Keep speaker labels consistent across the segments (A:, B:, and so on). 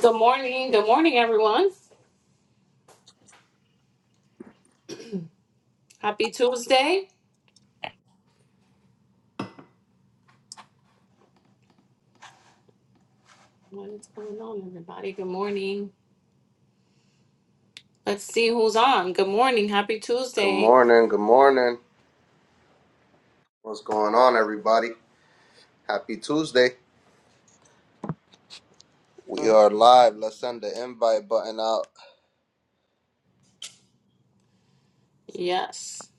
A: Good morning. Good morning, everyone. Happy Tuesday. What is going on, everybody? Good morning. Let's see who's on. Good morning. Happy
B: Good
A: Tuesday.
B: morning. Good morning. What's going on, everybody? Happy Tuesday. We are live. Let's send the invite button out.
A: Yes.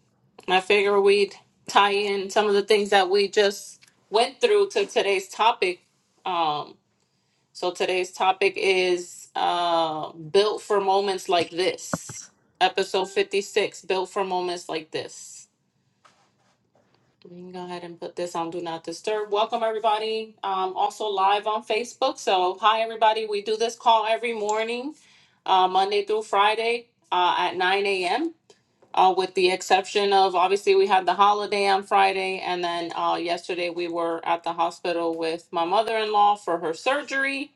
A: I figure we'd tie in some of the things that we just went through to today's topic. Um, so today's topic is uh, built for moments like this. Episode 56, built for moments like this. We can go ahead and put this on Do Not Disturb. Welcome, everybody. Um, also live on Facebook. So, hi, everybody. We do this call every morning, uh, Monday through Friday uh, at 9 a.m., uh, with the exception of obviously we had the holiday on Friday. And then uh, yesterday we were at the hospital with my mother in law for her surgery,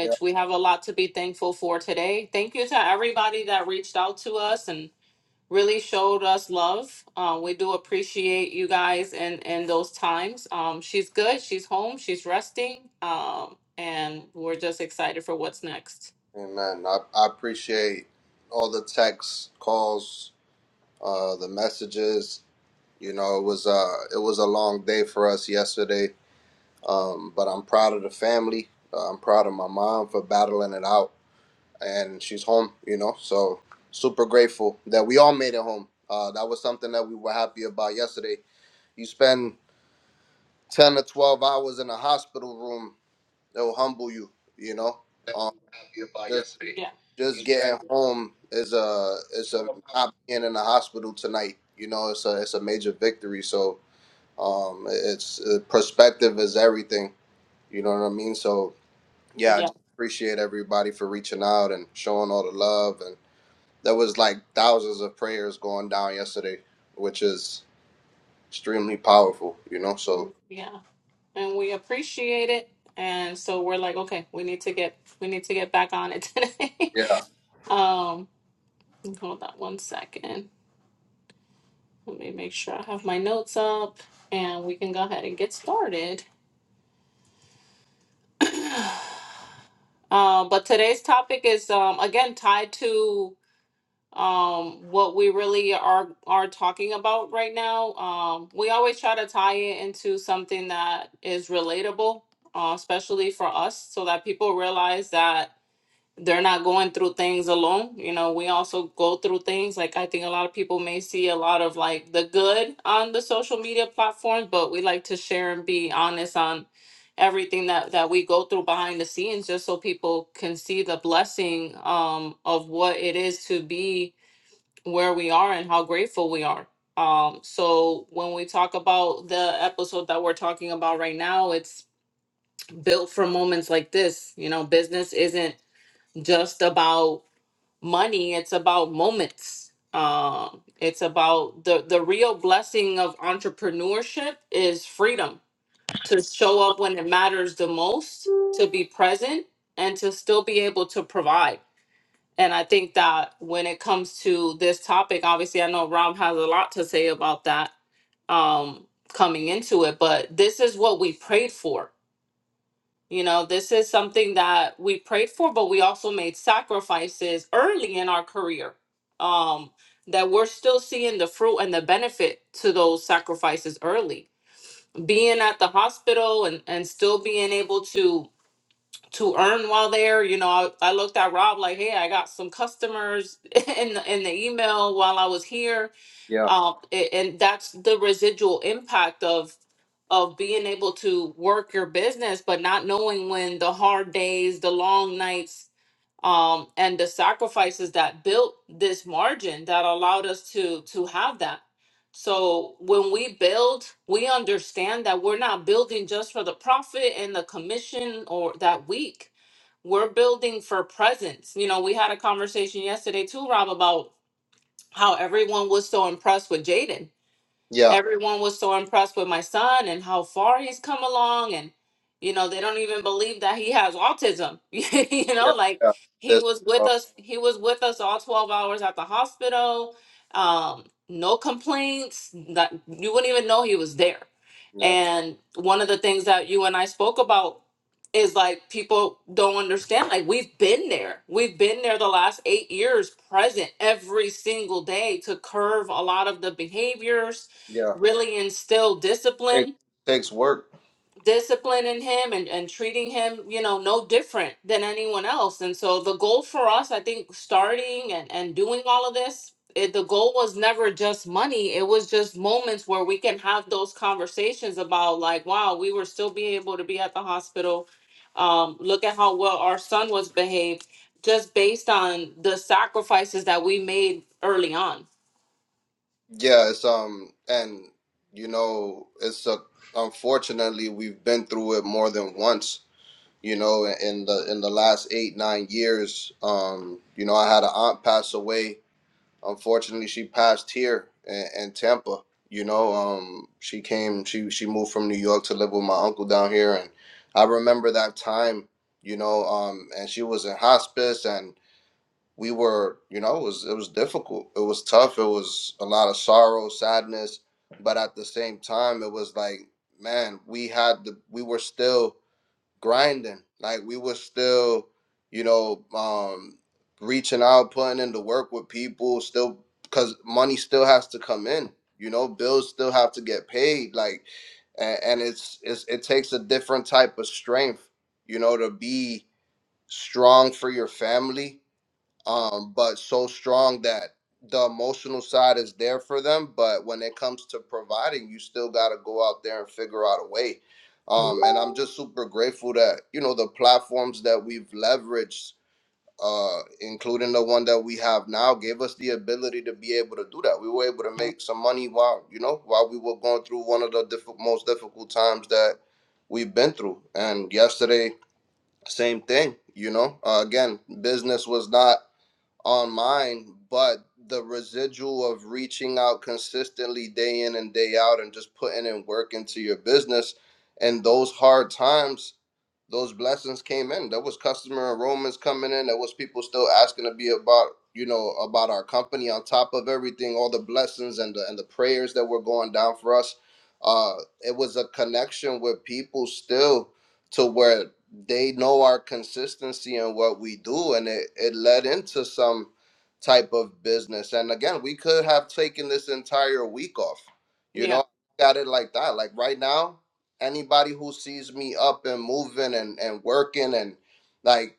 B: Yeah.
A: we have a lot to be thankful for today. Thank you to everybody that reached out to us and really showed us love. Uh, we do appreciate you guys in in those times. Um, she's good. She's home. She's resting. Um, and we're just excited for what's next.
B: Amen. I, I appreciate all the texts, calls, uh, the messages. You know, it was uh, it was a long day for us yesterday. Um, but I'm proud of the family. Uh, I'm proud of my mom for battling it out, and she's home. You know, so super grateful that we all made it home. Uh, that was something that we were happy about yesterday. You spend ten or twelve hours in a hospital room, it'll humble you. You know,
A: That
B: um,
A: we were happy about
B: just
A: yesterday. Yeah,
B: just getting home is a is a not being in the hospital tonight. You know, it's a it's a major victory. So um, it's uh, perspective is everything. You know what I mean? So yeah, I
A: yeah,
B: just appreciate everybody for reaching out and showing all the love. And there was like thousands of prayers going down yesterday, which is extremely powerful. You know, so
A: Mhm. yeah. And we appreciate it. And so we're like, okay, we need to get we need to get back on it today.
B: yeah,
A: um, hold on one second. Let me make sure I have my notes up, and we can go ahead and get started. Um, but today's topic is um, again tied to um, what we really are are talking about right now. Um, we always try to tie it into something that is relatable, uh, especially for us, so that people realize that they're not going through things alone. You know, we also go through things. Like I think a lot of people may see a lot of like the good on the social media platforms, but we like to share and be honest on everything that that we go through behind the scenes just so people can see the blessing um of what it is to be where we are and how grateful we are. Um so when we talk about the episode that we're talking about right now, it's built for moments like this. You know, business isn't just about money it's about moments um it's about the the real blessing of entrepreneurship is freedom to show up when it matters the most to be present and to still be able to provide and i think that when it comes to this topic obviously i know rob has a lot to say about that um coming into it but this is what we prayed for you know, this is something that we prayed for, but we also made sacrifices early in our career um, that we're still seeing the fruit and the benefit to those sacrifices early. Being at the hospital and, and still being able to to earn while there. You know, I, I looked at Rob like, hey, I got some customers in the, in the email while I was here
B: yeah,
A: uh, a- and that's the residual impact of of being able to work your business but not knowing when the hard days the long nights um, and the sacrifices that built this margin that allowed us to to have that so when we build we understand that we're not building just for the profit and the commission or that week we're building for presence you know we had a conversation yesterday too rob about how everyone was so impressed with jaden
B: yeah,
A: everyone was so impressed with my son and how far he's come along and you know they don't even believe that he has autism you
B: yeah,
A: know like
B: yeah.
A: he
B: This.
A: was with us he was with us all 12 hours at the hospital um no complaints that you wouldn't even know he was there
B: Yeah.
A: and one of the things that you and I spoke about is like people don't understand like we've been there we've been there the last 8 years present every single day to curve a lot of the behaviors
B: Yeah.
A: really instill
B: It
A: discipline
B: takes work.
A: discipline in him and, and treating him you know no different than anyone else and so the goal for us i think starting and, and doing all of this it, the goal was never just money it was just moments where we can have those conversations about like wow we were still being able to be at the hospital um, look at how well our son was behaved just based on the sacrifices that we made early on
B: Yeah, it's um and you know, it's a unfortunately we've been through it more than once, you know, in the in the last 8 9 years. Um, you know, I had an aunt pass away. Unfortunately, she passed here in, in Tampa, you know. Um she came she she moved from New York to live with my uncle down here and I remember that time, you know, um and she was in hospice we were, you know, it was it was difficult. It was tough. It was a lot of sorrow, sadness, but at the same time, it was like, man, we had the we were still grinding. Like we were still, you know, um reaching out, putting in the work with people, still cuz money still has to come in. You know, bills still have to get paid like and, and it's, it's it takes a different type of strength, you know, to be strong for your family um, but so strong that the emotional side is there for them. But when it comes to providing, you still got to go out there and figure out a way. Um, and I'm just super grateful that you know the platforms that we've leveraged, uh, including the one that we have now, gave us the ability to be able to do that. We were able to make some money while you know while we were going through one of the diff- most difficult times that we've been through. And yesterday, same thing. You know, uh, again, business was not on mine, but the residual of reaching out consistently day in and day out and just putting in work into your business and those hard times those blessings came in. There was customer enrollments coming in. There was people still asking to be about, you know, about our company. On top of everything, all the blessings and the and the prayers that were going down for us, uh, it was a connection with people still to where they know our consistency and what we do, and it it led into some type of business. And again, we could have taken this entire week off. You
A: yeah
B: know, got it like that. Like right now anybody who sees me up and moving and, and working and like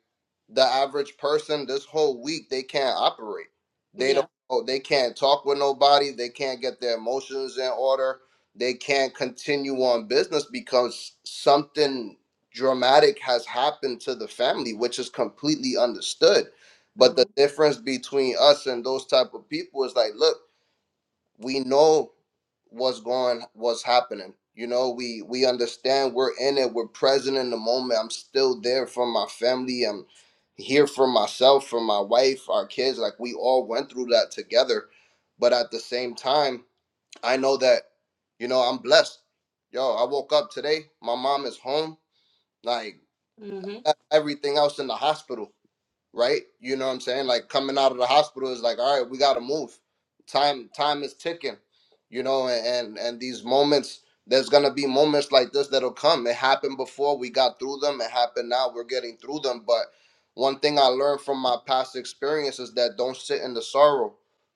B: the average person this whole week they can't operate they
A: yeah
B: don't oh, they can't talk with nobody they can't get their emotions in order they can't continue on business because something dramatic has happened to the family which is completely understood but the
A: hmm
B: difference between us and those type of people is like look we know what's going what's happening you know we we understand we're in it we're present in the moment i'm still there for my family i'm here for myself for my wife our kids like we all went through that together but at the same time i know that you know i'm blessed yo i woke up today my mom is home like
A: hmm
B: e-, everything else in the hospital right? You know what I'm saying? Like coming out of the hospital is like, all right, we gotta move. Time time is ticking, you know, and and, and these moments there's gonna be moments like this that'll come. It happened before we got through them, it happened now, we're getting through them. But one thing I learned from my past experience is that don't sit in the sorrow.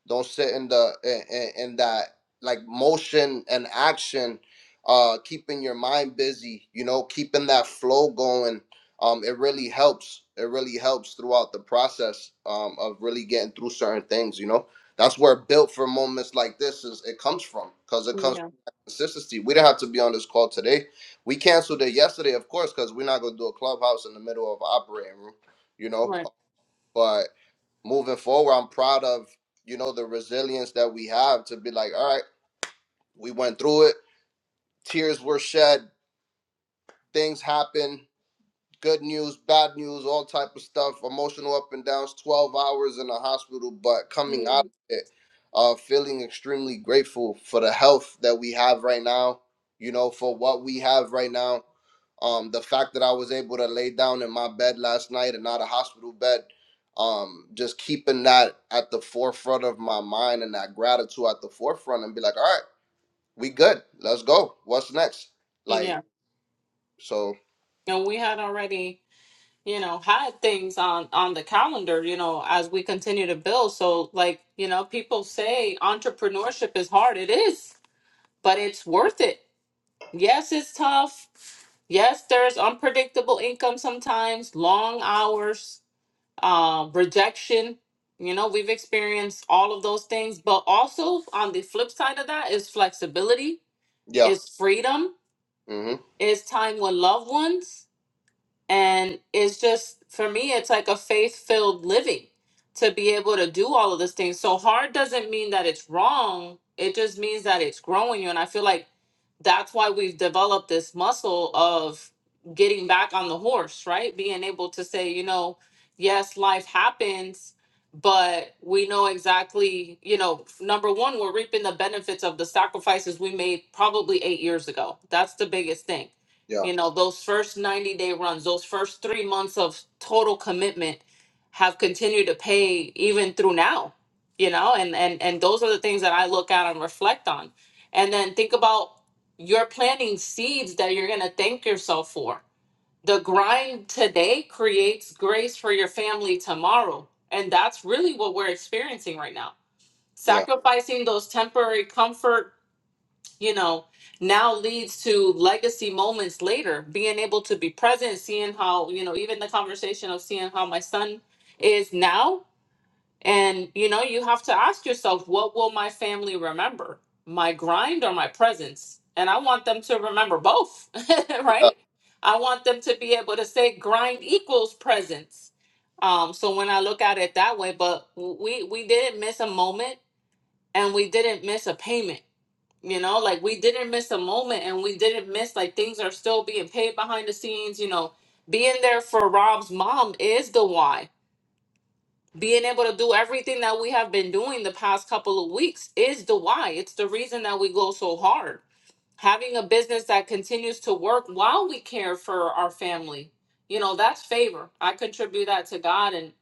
B: Don't sit in the in, in in that like motion and action, uh keeping your mind busy, you know, keeping that flow going um, it really helps. It really helps throughout the process um, of really getting through certain things. You know, that's where built for moments like this is it comes from because it comes from
A: yeah
B: that consistency. We didn't have to be on this call today. We canceled it yesterday, of course, because we're not gonna do a clubhouse in the middle of operating room. You know,
A: right
B: but moving forward, I'm proud of you know the resilience that we have to be like, all right, we went through it. Tears were shed. Things happened good news, bad news, all type of stuff, emotional up and downs, 12 hours in the hospital, but
A: Yeah,
B: coming out of it, uh, feeling extremely grateful for the health that we have right now, you know, for what we have right now. Um, the fact that I was able to lay down in my bed last night and not a hospital bed, um, just keeping that at the forefront of my mind and that gratitude at the forefront and be like, all right, we good. Let's go. What's next? Like,
A: Yeah.
B: so
A: and we had already, you know, had things on on the calendar, you know, as we continue to build. So, like, you know, people say entrepreneurship is hard. It is, but it's worth it. Yes, it's tough. Yes, there's unpredictable income sometimes, long hours, uh, rejection. You know, we've experienced all of those things, but also on the flip side of that is flexibility,
B: yeah.
A: is freedom,
B: Mm-hmm.
A: is time with loved ones And it's just, for me, it's like a faith filled living to be able to do all of these things. So hard doesn't mean that it's wrong, it just means that it's growing you. And I feel like that's why we've developed this muscle of getting back on the horse, right? Being able to say, you know, yes, life happens. But we know exactly, you know, number one, we're reaping the benefits of the sacrifices we made probably eight years ago. That's the biggest thing
B: Yeah.
A: you know those first 90 day runs those first three months of total commitment have continued to pay even through now you know and and and those are the things that i look at and reflect on and then think about you're planting seeds that you're going to thank yourself for the grind today creates grace for your family tomorrow and that's really what we're experiencing right now
B: Yeah.
A: sacrificing those temporary comfort you know, now leads to legacy moments later, being able to be present, seeing how, you know, even the conversation of seeing how my son is now. And, you know, you have to ask yourself, what will my family remember? My grind or my presence? And I want them to remember both,
B: Yeah.
A: right? I want them to be able to say grind equals presence. Um, so when I look at it that way, but we we didn't miss a moment and we didn't miss a payment you know, like we didn't miss a moment and we didn't miss like things are still being paid behind the scenes, you know. Being there for Rob's mom is the why. Being able to do everything that we have been doing the past couple of weeks is the why. It's the reason that we go so hard. Having a business that continues to work while we care for our family, you know, that's favor. I contribute that to God and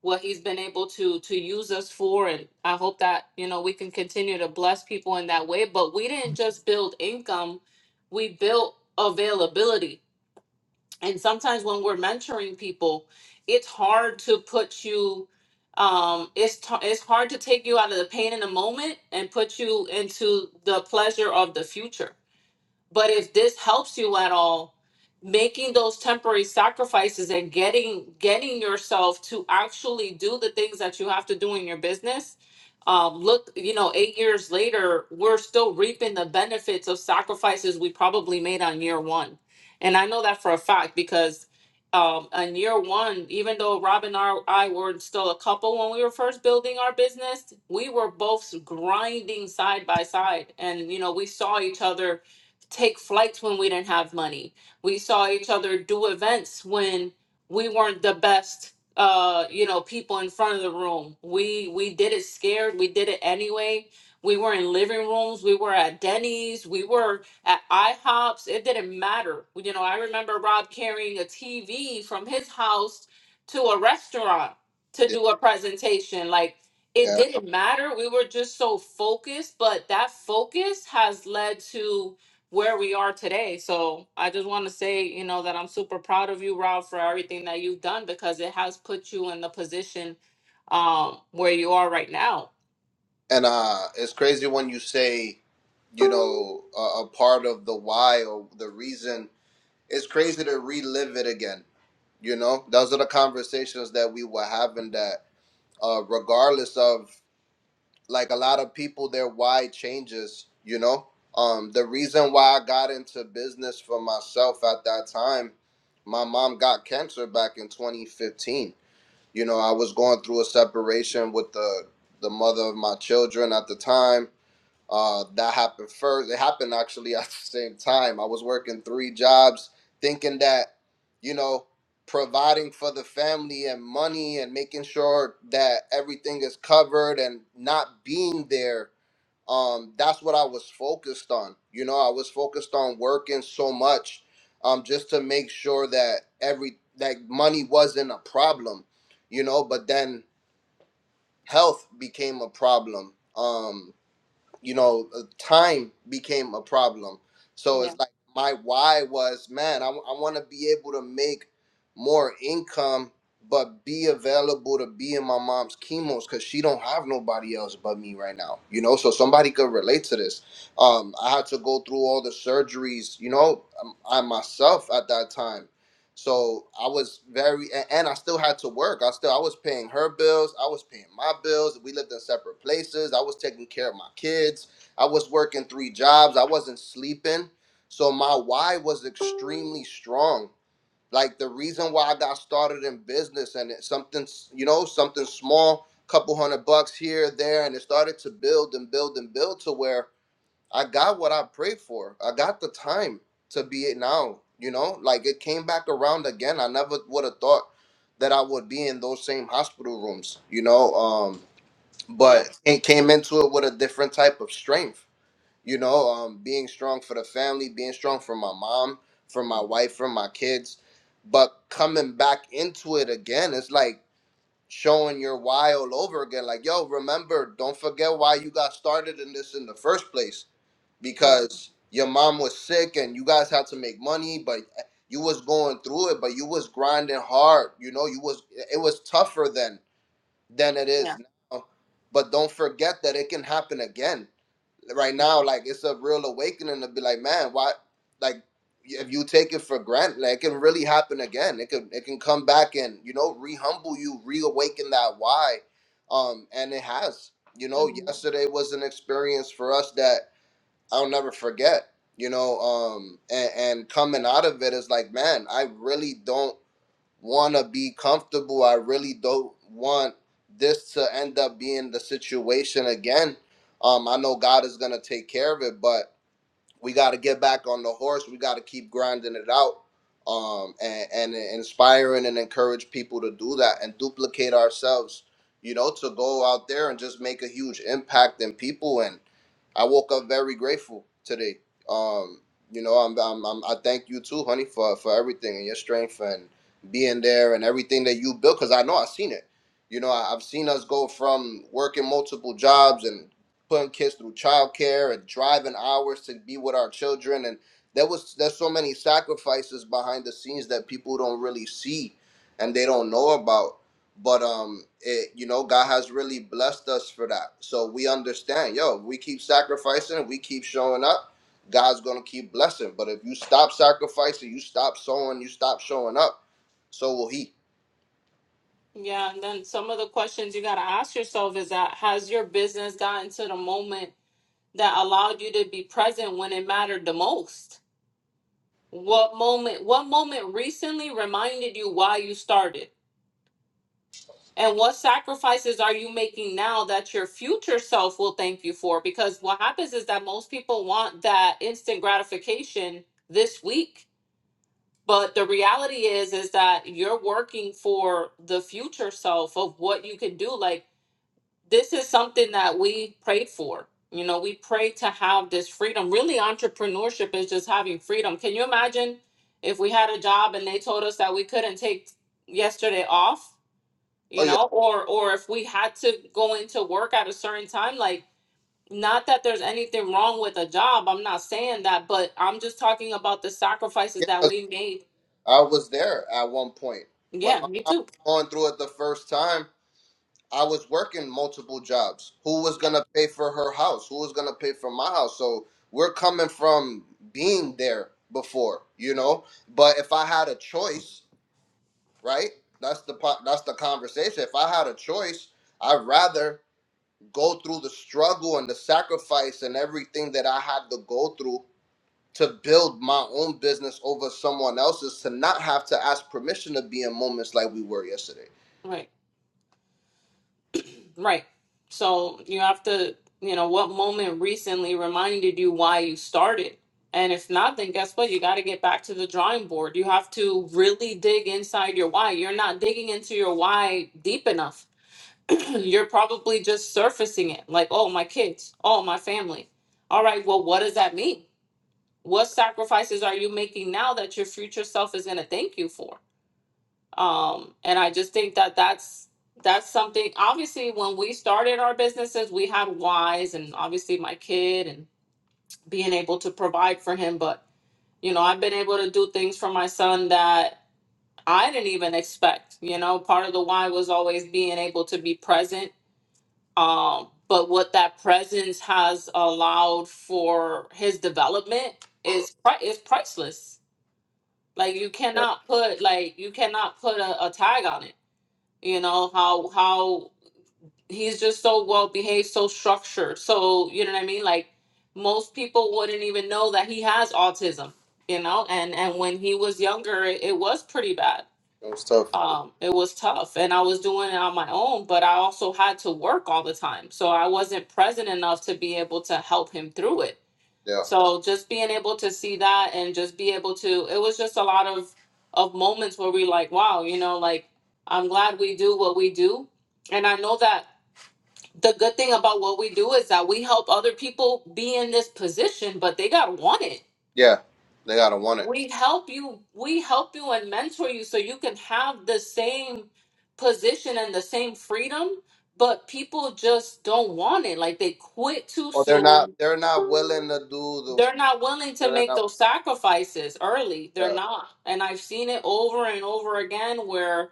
A: what he's been able to to use us for and i hope that you know we can continue to bless people in that way but we didn't just build income we built availability and sometimes when we're mentoring people it's hard to put you um it's t- it's hard to take you out of the pain in the moment and put you into the pleasure of the future but if this helps you at all, making those temporary sacrifices and getting getting yourself to actually do the things that you have to do in your business. Um, look, you know, eight years later, we're still reaping the benefits of sacrifices we probably made on year one. And I know that for a fact because um, on year one, even though Rob and I, I were still a couple when we were first building our business, we were both grinding side by side. And, you know, we saw each other take flights when we didn't have money. We saw each other do events when we weren't the best uh you know people in front of the room. We we did it scared, we did it anyway. We were in living rooms, we were at Denny's, we were at IHOPs. It didn't matter. You know, I remember Rob carrying a TV from his house to a restaurant to
B: Yeah,
A: do a presentation like it
B: yeah.
A: didn't matter. We were just so focused, but that focus has led to where we are today. So I just want to say, you know, that I'm super proud of you, Rob, for everything that you've done because it has put you in the position um where you are right now.
B: And uh, it's crazy when you say, you know, a, a part of the why or the reason. It's crazy to relive it again. You know, those are the conversations that we were having. That uh, regardless of like a lot of people, their why changes. You know, um, the reason why I got into business for myself at that time, my mom got cancer back in 2015 you know i was going through a separation with the the mother of my children at the time uh that happened first it happened actually at the same time i was working three jobs thinking that you know providing for the family and money and making sure that everything is covered and not being there um, that's what I was focused on. You know, I was focused on working so much um, just to make sure that every that money wasn't a problem. You know, but then health became a problem. Um, you know, uh, time became a problem. So
A: Yeah.
B: it's like my why was, man, I, want to be able to make more income, but be available to be in my mom's chemos because she don't have nobody else but me right now. You know, so somebody could relate to this. Um, I had to go through all the surgeries, you know, um, I myself at that time so I was very, a- and I still had to work. I still, I was paying her bills. I was paying my bills. We lived in separate places. I was taking care of my kids. I was working three jobs. I wasn't sleeping. So my why was extremely strong. Like the reason why I got started in business and it's something, s- you know, something small, couple hundred bucks here, there, and it started to build and build and build to where I got what I prayed for. I got the time to be it now, you know? Like it came back around again. I never would have thought that I would be in those same hospital rooms, you know? Um
A: Yeah.
B: but it came into it with a different type of strength, you know, um being strong for the family, being strong for my mom, for my
A: Mhm.
B: wife, for my kids. But coming back into it again, it's like showing your why all over again like yo remember don't forget why you got started in this in the first place
A: Mhm.
B: because your mom was sick and you guys had to make money but you was going through it but you was grinding hard you know you was it was tougher then than it is
A: Yeah.
B: now but don't forget that it can happen again right now like it's a real awakening to be like man why like if you take it for granted like, it can really happen again it can it can come back and you know rehumble you reawaken that why um and it has you know
A: Mhm.
B: yesterday was an experience for us that I'll never forget, you know, um, and, and coming out of it is like, man, I really don't want to be comfortable. I really don't want this to end up being the situation again. Um, I know God is going to take care of it, but we got to get back on the horse. We got to keep grinding it out um, and, and inspiring and encourage people to do that and duplicate ourselves, you know, to go out there and just make a huge impact in people. and. I woke up very grateful today. Um, you know, I'm, I'm, I'm I thank you too, honey, for for everything and your strength and being there and everything that you built. Cause I know I've seen it. You know, I, I've seen us go from working multiple jobs and putting kids through childcare and driving hours to be with our children. And there was there's so many sacrifices behind the scenes that people don't really see and they don't know about but um it you know god has really blessed us for that so we understand yo we keep sacrificing we keep showing up god's gonna keep blessing but if you stop sacrificing you stop sowing you stop showing up so will he
A: Yeah, and then some of the questions you got to ask yourself is that has your business gotten to the moment that allowed you to be present when it mattered the most? What moment what moment recently reminded you why you started? And what sacrifices are you making now that your future self will thank you for? Because what happens is that most people want that instant gratification this week. But the reality is is that you're working for the future self of what you can do. Like this is something that we prayed for. You know, we pray to have this freedom. Really, entrepreneurship is just having freedom. Can you imagine if we had a job and they told us that we couldn't take yesterday off?
B: oh
A: You
B: yeah
A: know, or or if we had to go into work at a certain time, like not that there's anything wrong with a job. I'm not saying that, but I'm just talking about the sacrifices
B: yeah
A: that
B: 'cause
A: we made.
B: i was there at one point when
A: Yeah,
B: my
A: me
B: mom was
A: too.
B: going through it the first time I was working multiple jobs. Who was
A: Yeah,
B: gonna pay for her house? Who was gonna pay for my house? So we're coming from being there before, you know. But if I had a choice, right? That's the po- that's the conversation. If I had a choice, I'd rather go through the struggle and the sacrifice and everything that I had to go through to build my own business over someone else's to not have to ask permission to be in moments like we were yesterday.
A: right. Right. So you have to, you know, what moment recently reminded you why you started? And if not, then guess what? You got to get back to the drawing board. You have to really dig inside your why. You're not digging into your why deep enough. You're probably just surfacing it like, oh, my kids, oh, my family. All right, well, what does that mean? What sacrifices are you making now that your future self is going to thank you for? um and i just think that that's that's something obviously when we started our businesses we had wise and obviously my kid and being able to provide for him but you know i've been able to do things for my son that i didn't even expect you know part of the why was always being able to be present um but what that presence has allowed for his development is pri- is priceless like you
B: Yeah,
A: cannot put like you cannot put a, a tag on it you know how how he's just so well behaved so structured so you know what i mean like most people wouldn't even know that he has autism you know and and when he was younger it, it was pretty bad
B: it was tough.
A: um it was tough and i was doing it on my own but i also had to work all the time so i wasn't present enough to be able to help him through it
B: Yeah,
A: so just being able to see that and just be able to it was just a lot of of moments where we like, wow, you know, like I'm glad we do what we do. And I know that the good thing about what we do is that we help other people be in this position, but they got to want it.
B: yeah, they gotta want it.
A: We help you, we help you and mentor you so you can have the same position and the same freedom, but people just don't want it. Like they quit too
B: or they're
A: soon
B: not they're not willing to do the
A: they're not willing to
B: they're
A: make
B: not
A: those sacrifices early. They're
B: yeah.
A: not. And I've seen it over and over again where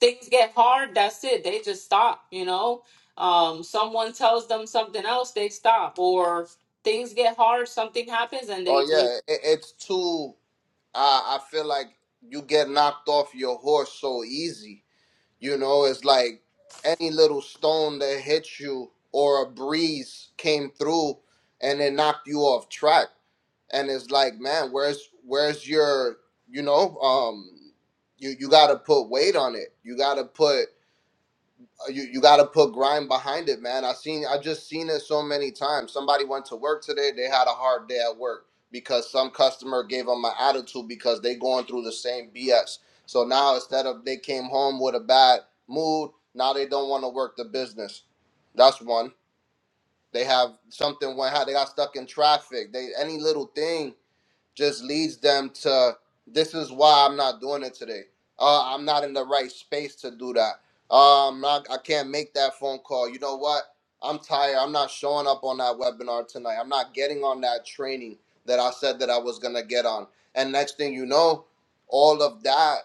A: things get hard, that's it. They just stop, you know? Um, someone tells them something else, they stop. Or things get hard, something happens, and they,
B: oh
A: they
B: yeah it, it's too I i feel like you get knocked off your horse so easy you know it's like any little stone that hit you or a breeze came through and it knocked you off track and it's like man where's where's your you know um you you got to put weight on it you got to put you you got to put grind behind it, man. I seen I just seen it so many times. Somebody went to work today, they had a hard day at work because some customer gave them an attitude because they going through the same BS. So now instead of they came home with a bad mood, now they don't want to work the business. That's one. They have something went how they got stuck in traffic. They any little thing just leads them to this is why I'm not doing it today. Uh, I'm not in the right space to do that. Um, I, I can't make that phone call. You know what? I'm tired. I'm not showing up on that webinar tonight. I'm not getting on that training that I said that I was gonna get on. And next thing you know, all of that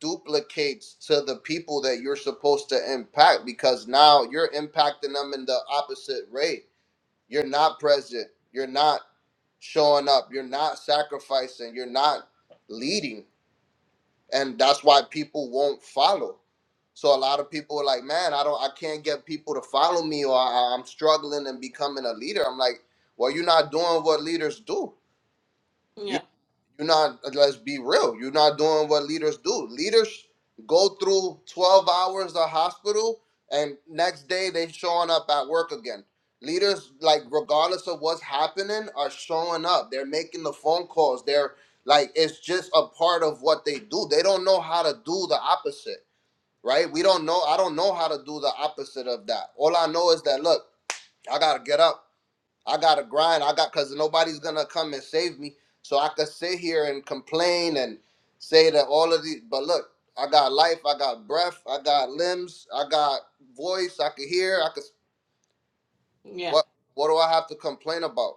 B: duplicates to the people that you're supposed to impact because now you're impacting them in the opposite rate. You're not present. You're not showing up, you're not sacrificing, you're not leading. And that's why people won't follow. So a lot of people are like, man, I don't I can't get people to follow me or I, I'm struggling and becoming a leader. I'm like, well, you're not doing what leaders do.
A: yeah,
B: You're not. Let's be real. You're not doing what leaders do. Leaders go through 12 hours of hospital, and next day they showing up at work again. Leaders, like regardless of what's happening, are showing up. They're making the phone calls. They're like it's just a part of what they do. They don't know how to do the opposite, right? We don't know. I don't know how to do the opposite of that. All I know is that look, I gotta get up. I gotta grind. I got because nobody's gonna come and save me. So I could sit here and complain and say that all of these. But look, I got life. I got breath. I got limbs. I got voice. I could hear. I could.
A: yeah,
B: What What do I have to complain about?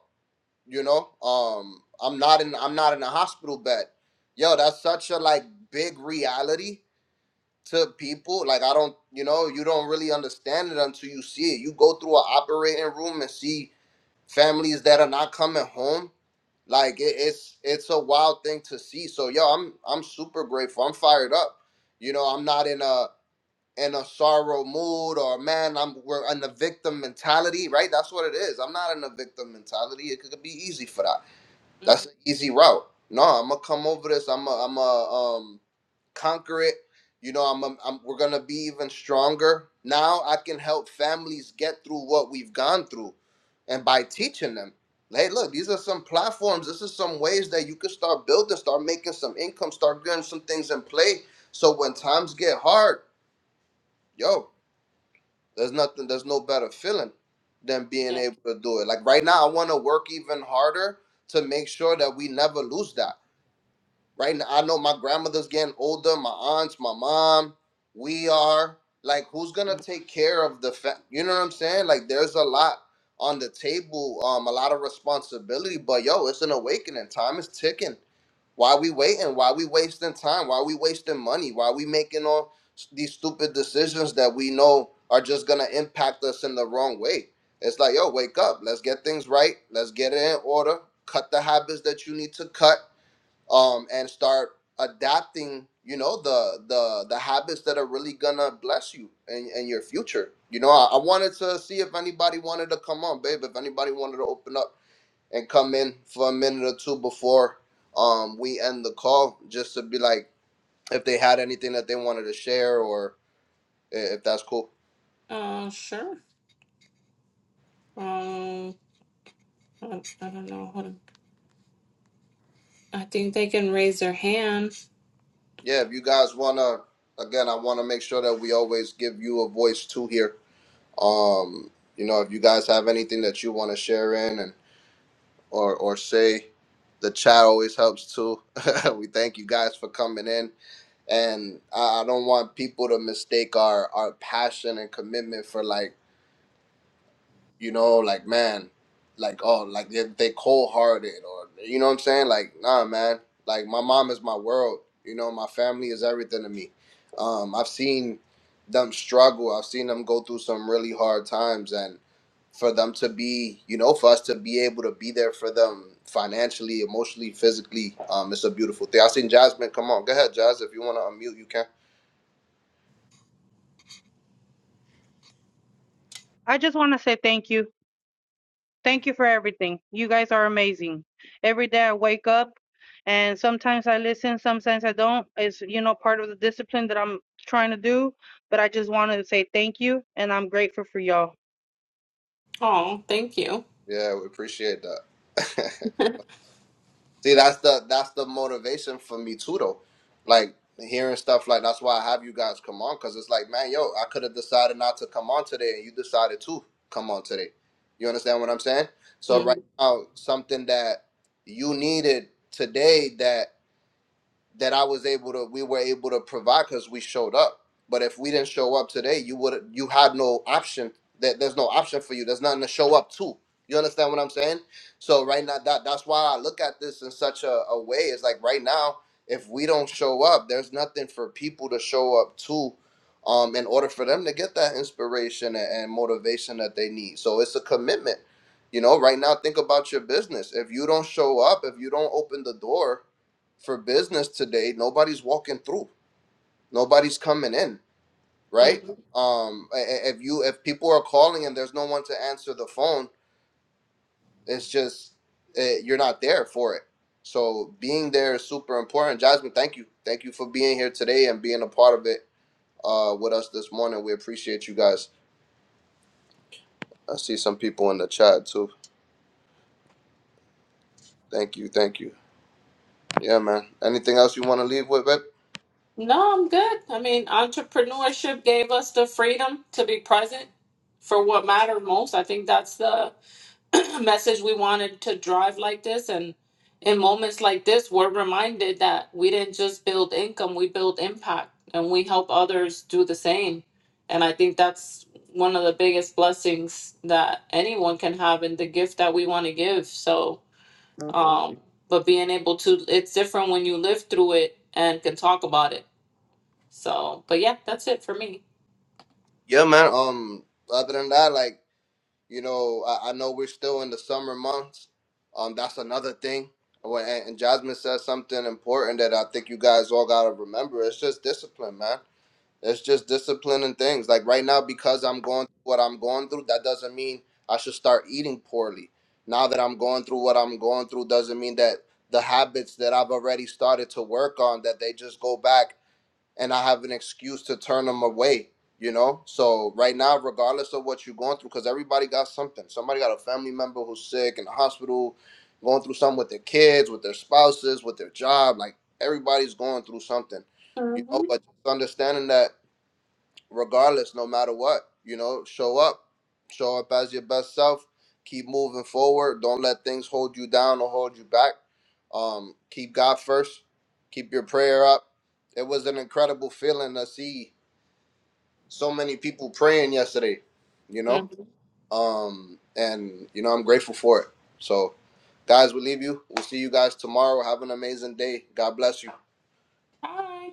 B: You know. Um. I'm not in. I'm not in a hospital bed. Yo, that's such a like big reality to people. Like I don't. You know. You don't really understand it until you see it. You go through an operating room and see families that are not coming home like it, it's it's a wild thing to see so yo i'm i'm super grateful i'm fired up you know i'm not in a in a sorrow mood or man i'm we're in the victim mentality right that's what it is i'm not in a victim mentality it could be easy for that
A: hmm
B: that's an easy route. No, I'm gonna come over this. I'm i I'm a um conquer it. You know, I'm, i I'm we're gonna be even stronger. Now I can help families get through what we've gone through, and by teaching them, hey, look, these are some platforms. This is some ways that you can start building, start making some income, start getting some things in play. So when times get hard, yo, there's nothing, there's no better feeling than being
A: yeah.
B: able to do it. Like right now, I want to work even harder to make sure that we never lose that right now i know my grandmother's getting older my aunts my mom we are like who's gonna take care of the fa- you know what i'm saying like there's a lot on the table um a lot of responsibility but yo it's an awakening time is ticking why we waiting why we wasting time why we wasting money why we making all s- these stupid decisions that we know are just gonna impact us in the wrong way it's like yo wake up let's get things right let's get it in order cut the habits that you need to cut um, and start adapting you know the the the habits that are really gonna bless you and in, in your future you know I, I wanted to see if anybody wanted to come on babe if anybody wanted to open up and come in for a minute or two before um we end the call just to be like if they had anything that they wanted to share or i- if that's cool
A: Uh, sure. Um, I, I don't know. Hold on. I think they can raise their hand.
B: yeah if you guys wanna again i want to make sure that we always give you a voice too here um you know if you guys have anything that you want to share in and or or Shay. The chat always helps too. we thank you guys for coming in, and I, I don't want people to mistake our our passion and commitment for like you know, like man, like oh, like they they cold hearted or you know what I'm saying? Like nah, man, like my mom is my world. You know, my family is everything to me. Um, I've seen them struggle. I've seen them go through some really hard times, and for them to be, you know, for us to be able to be there for them financially, emotionally, physically, um, it's a beautiful thing. I've seen Jasmine. Come on, go ahead, Jazz. If you want to unmute, you can.
C: I just want to say thank you. Thank you for everything. You guys are amazing. Every day I wake up and sometimes I listen, sometimes I don't. It's, you know, part of the discipline that I'm trying to do, but I just want to say thank you and I'm grateful for y'all.
A: Oh, thank you.
B: Yeah, we appreciate that. See, that's the that's the motivation for me too, though. Like hearing stuff like that's why I have you guys come on because it's like, man, yo, I could have decided not to come on today, and you decided to come on today. You understand what I'm saying? So right now, something that you needed today that that I was able to we were able to provide because we showed up. But if we didn't show up today, you would you had no option. That there's no option for you. There's nothing to show up to. You understand what I'm saying? So right now that that's why I look at this in such a, a way. It's like right now, if we don't show up, there's nothing for people to show up to um in order for them to get that inspiration and, and motivation that they need. So it's a commitment. You know, right now think about your business. If you don't show up, if you don't open the door, for business today nobody's walking through nobody's coming in right
A: Hmm.
B: um i- i- if you if people are calling and there's no one to answer the phone it's just uh, you're not there for it so being there is super important jasmine thank you thank you for being here today and being a part of it uh with us this morning we appreciate you guys i see some people in the chat too thank you thank you yeah man anything else you want to leave with babe?
A: No, I'm good. I mean, entrepreneurship gave us the freedom to be present for what mattered most. I think that's the message we wanted to drive like this. And in moments like this, we're reminded that we didn't just build income, we build impact and we help others do the same. And I think that's one of the biggest blessings that anyone can have in the gift that we want to give. So,
B: yeah,
A: um, but being able to, it's different when you live through it and can talk about it so, but yeah, that's it for me.
B: yeah man um other than that like You know, I, I know we're still in the summer months. Um, that's another thing. Well, And, and Jasmine said something important that I think you guys all gotta remember. It's just discipline, man. It's just discipline and things. Like right now, because I'm going through what I'm going through, that doesn't mean I should start eating poorly. Now that I'm going through what I'm going through, doesn't mean that the habits that I've already started to work on that they just go back and I have an excuse to turn them away, you know? So right now, regardless of what you're going through, because everybody got something. Somebody got a family member who's sick in the hospital, going through something with their kids, with their spouses, with their job. Like everybody's going through something, you know?
A: hmm
B: But just understanding that regardless, no matter what. You know, show up, show up as your best self. Keep moving forward. Don't let things hold you down or hold you back. Um, keep God first. Keep your prayer up. It was an incredible feeling to see so many people praying yesterday. You know, um, and you know I'm grateful for it. So, guys, we leave you. We'll see you guys tomorrow. Have an amazing day. God bless you.
A: Hi.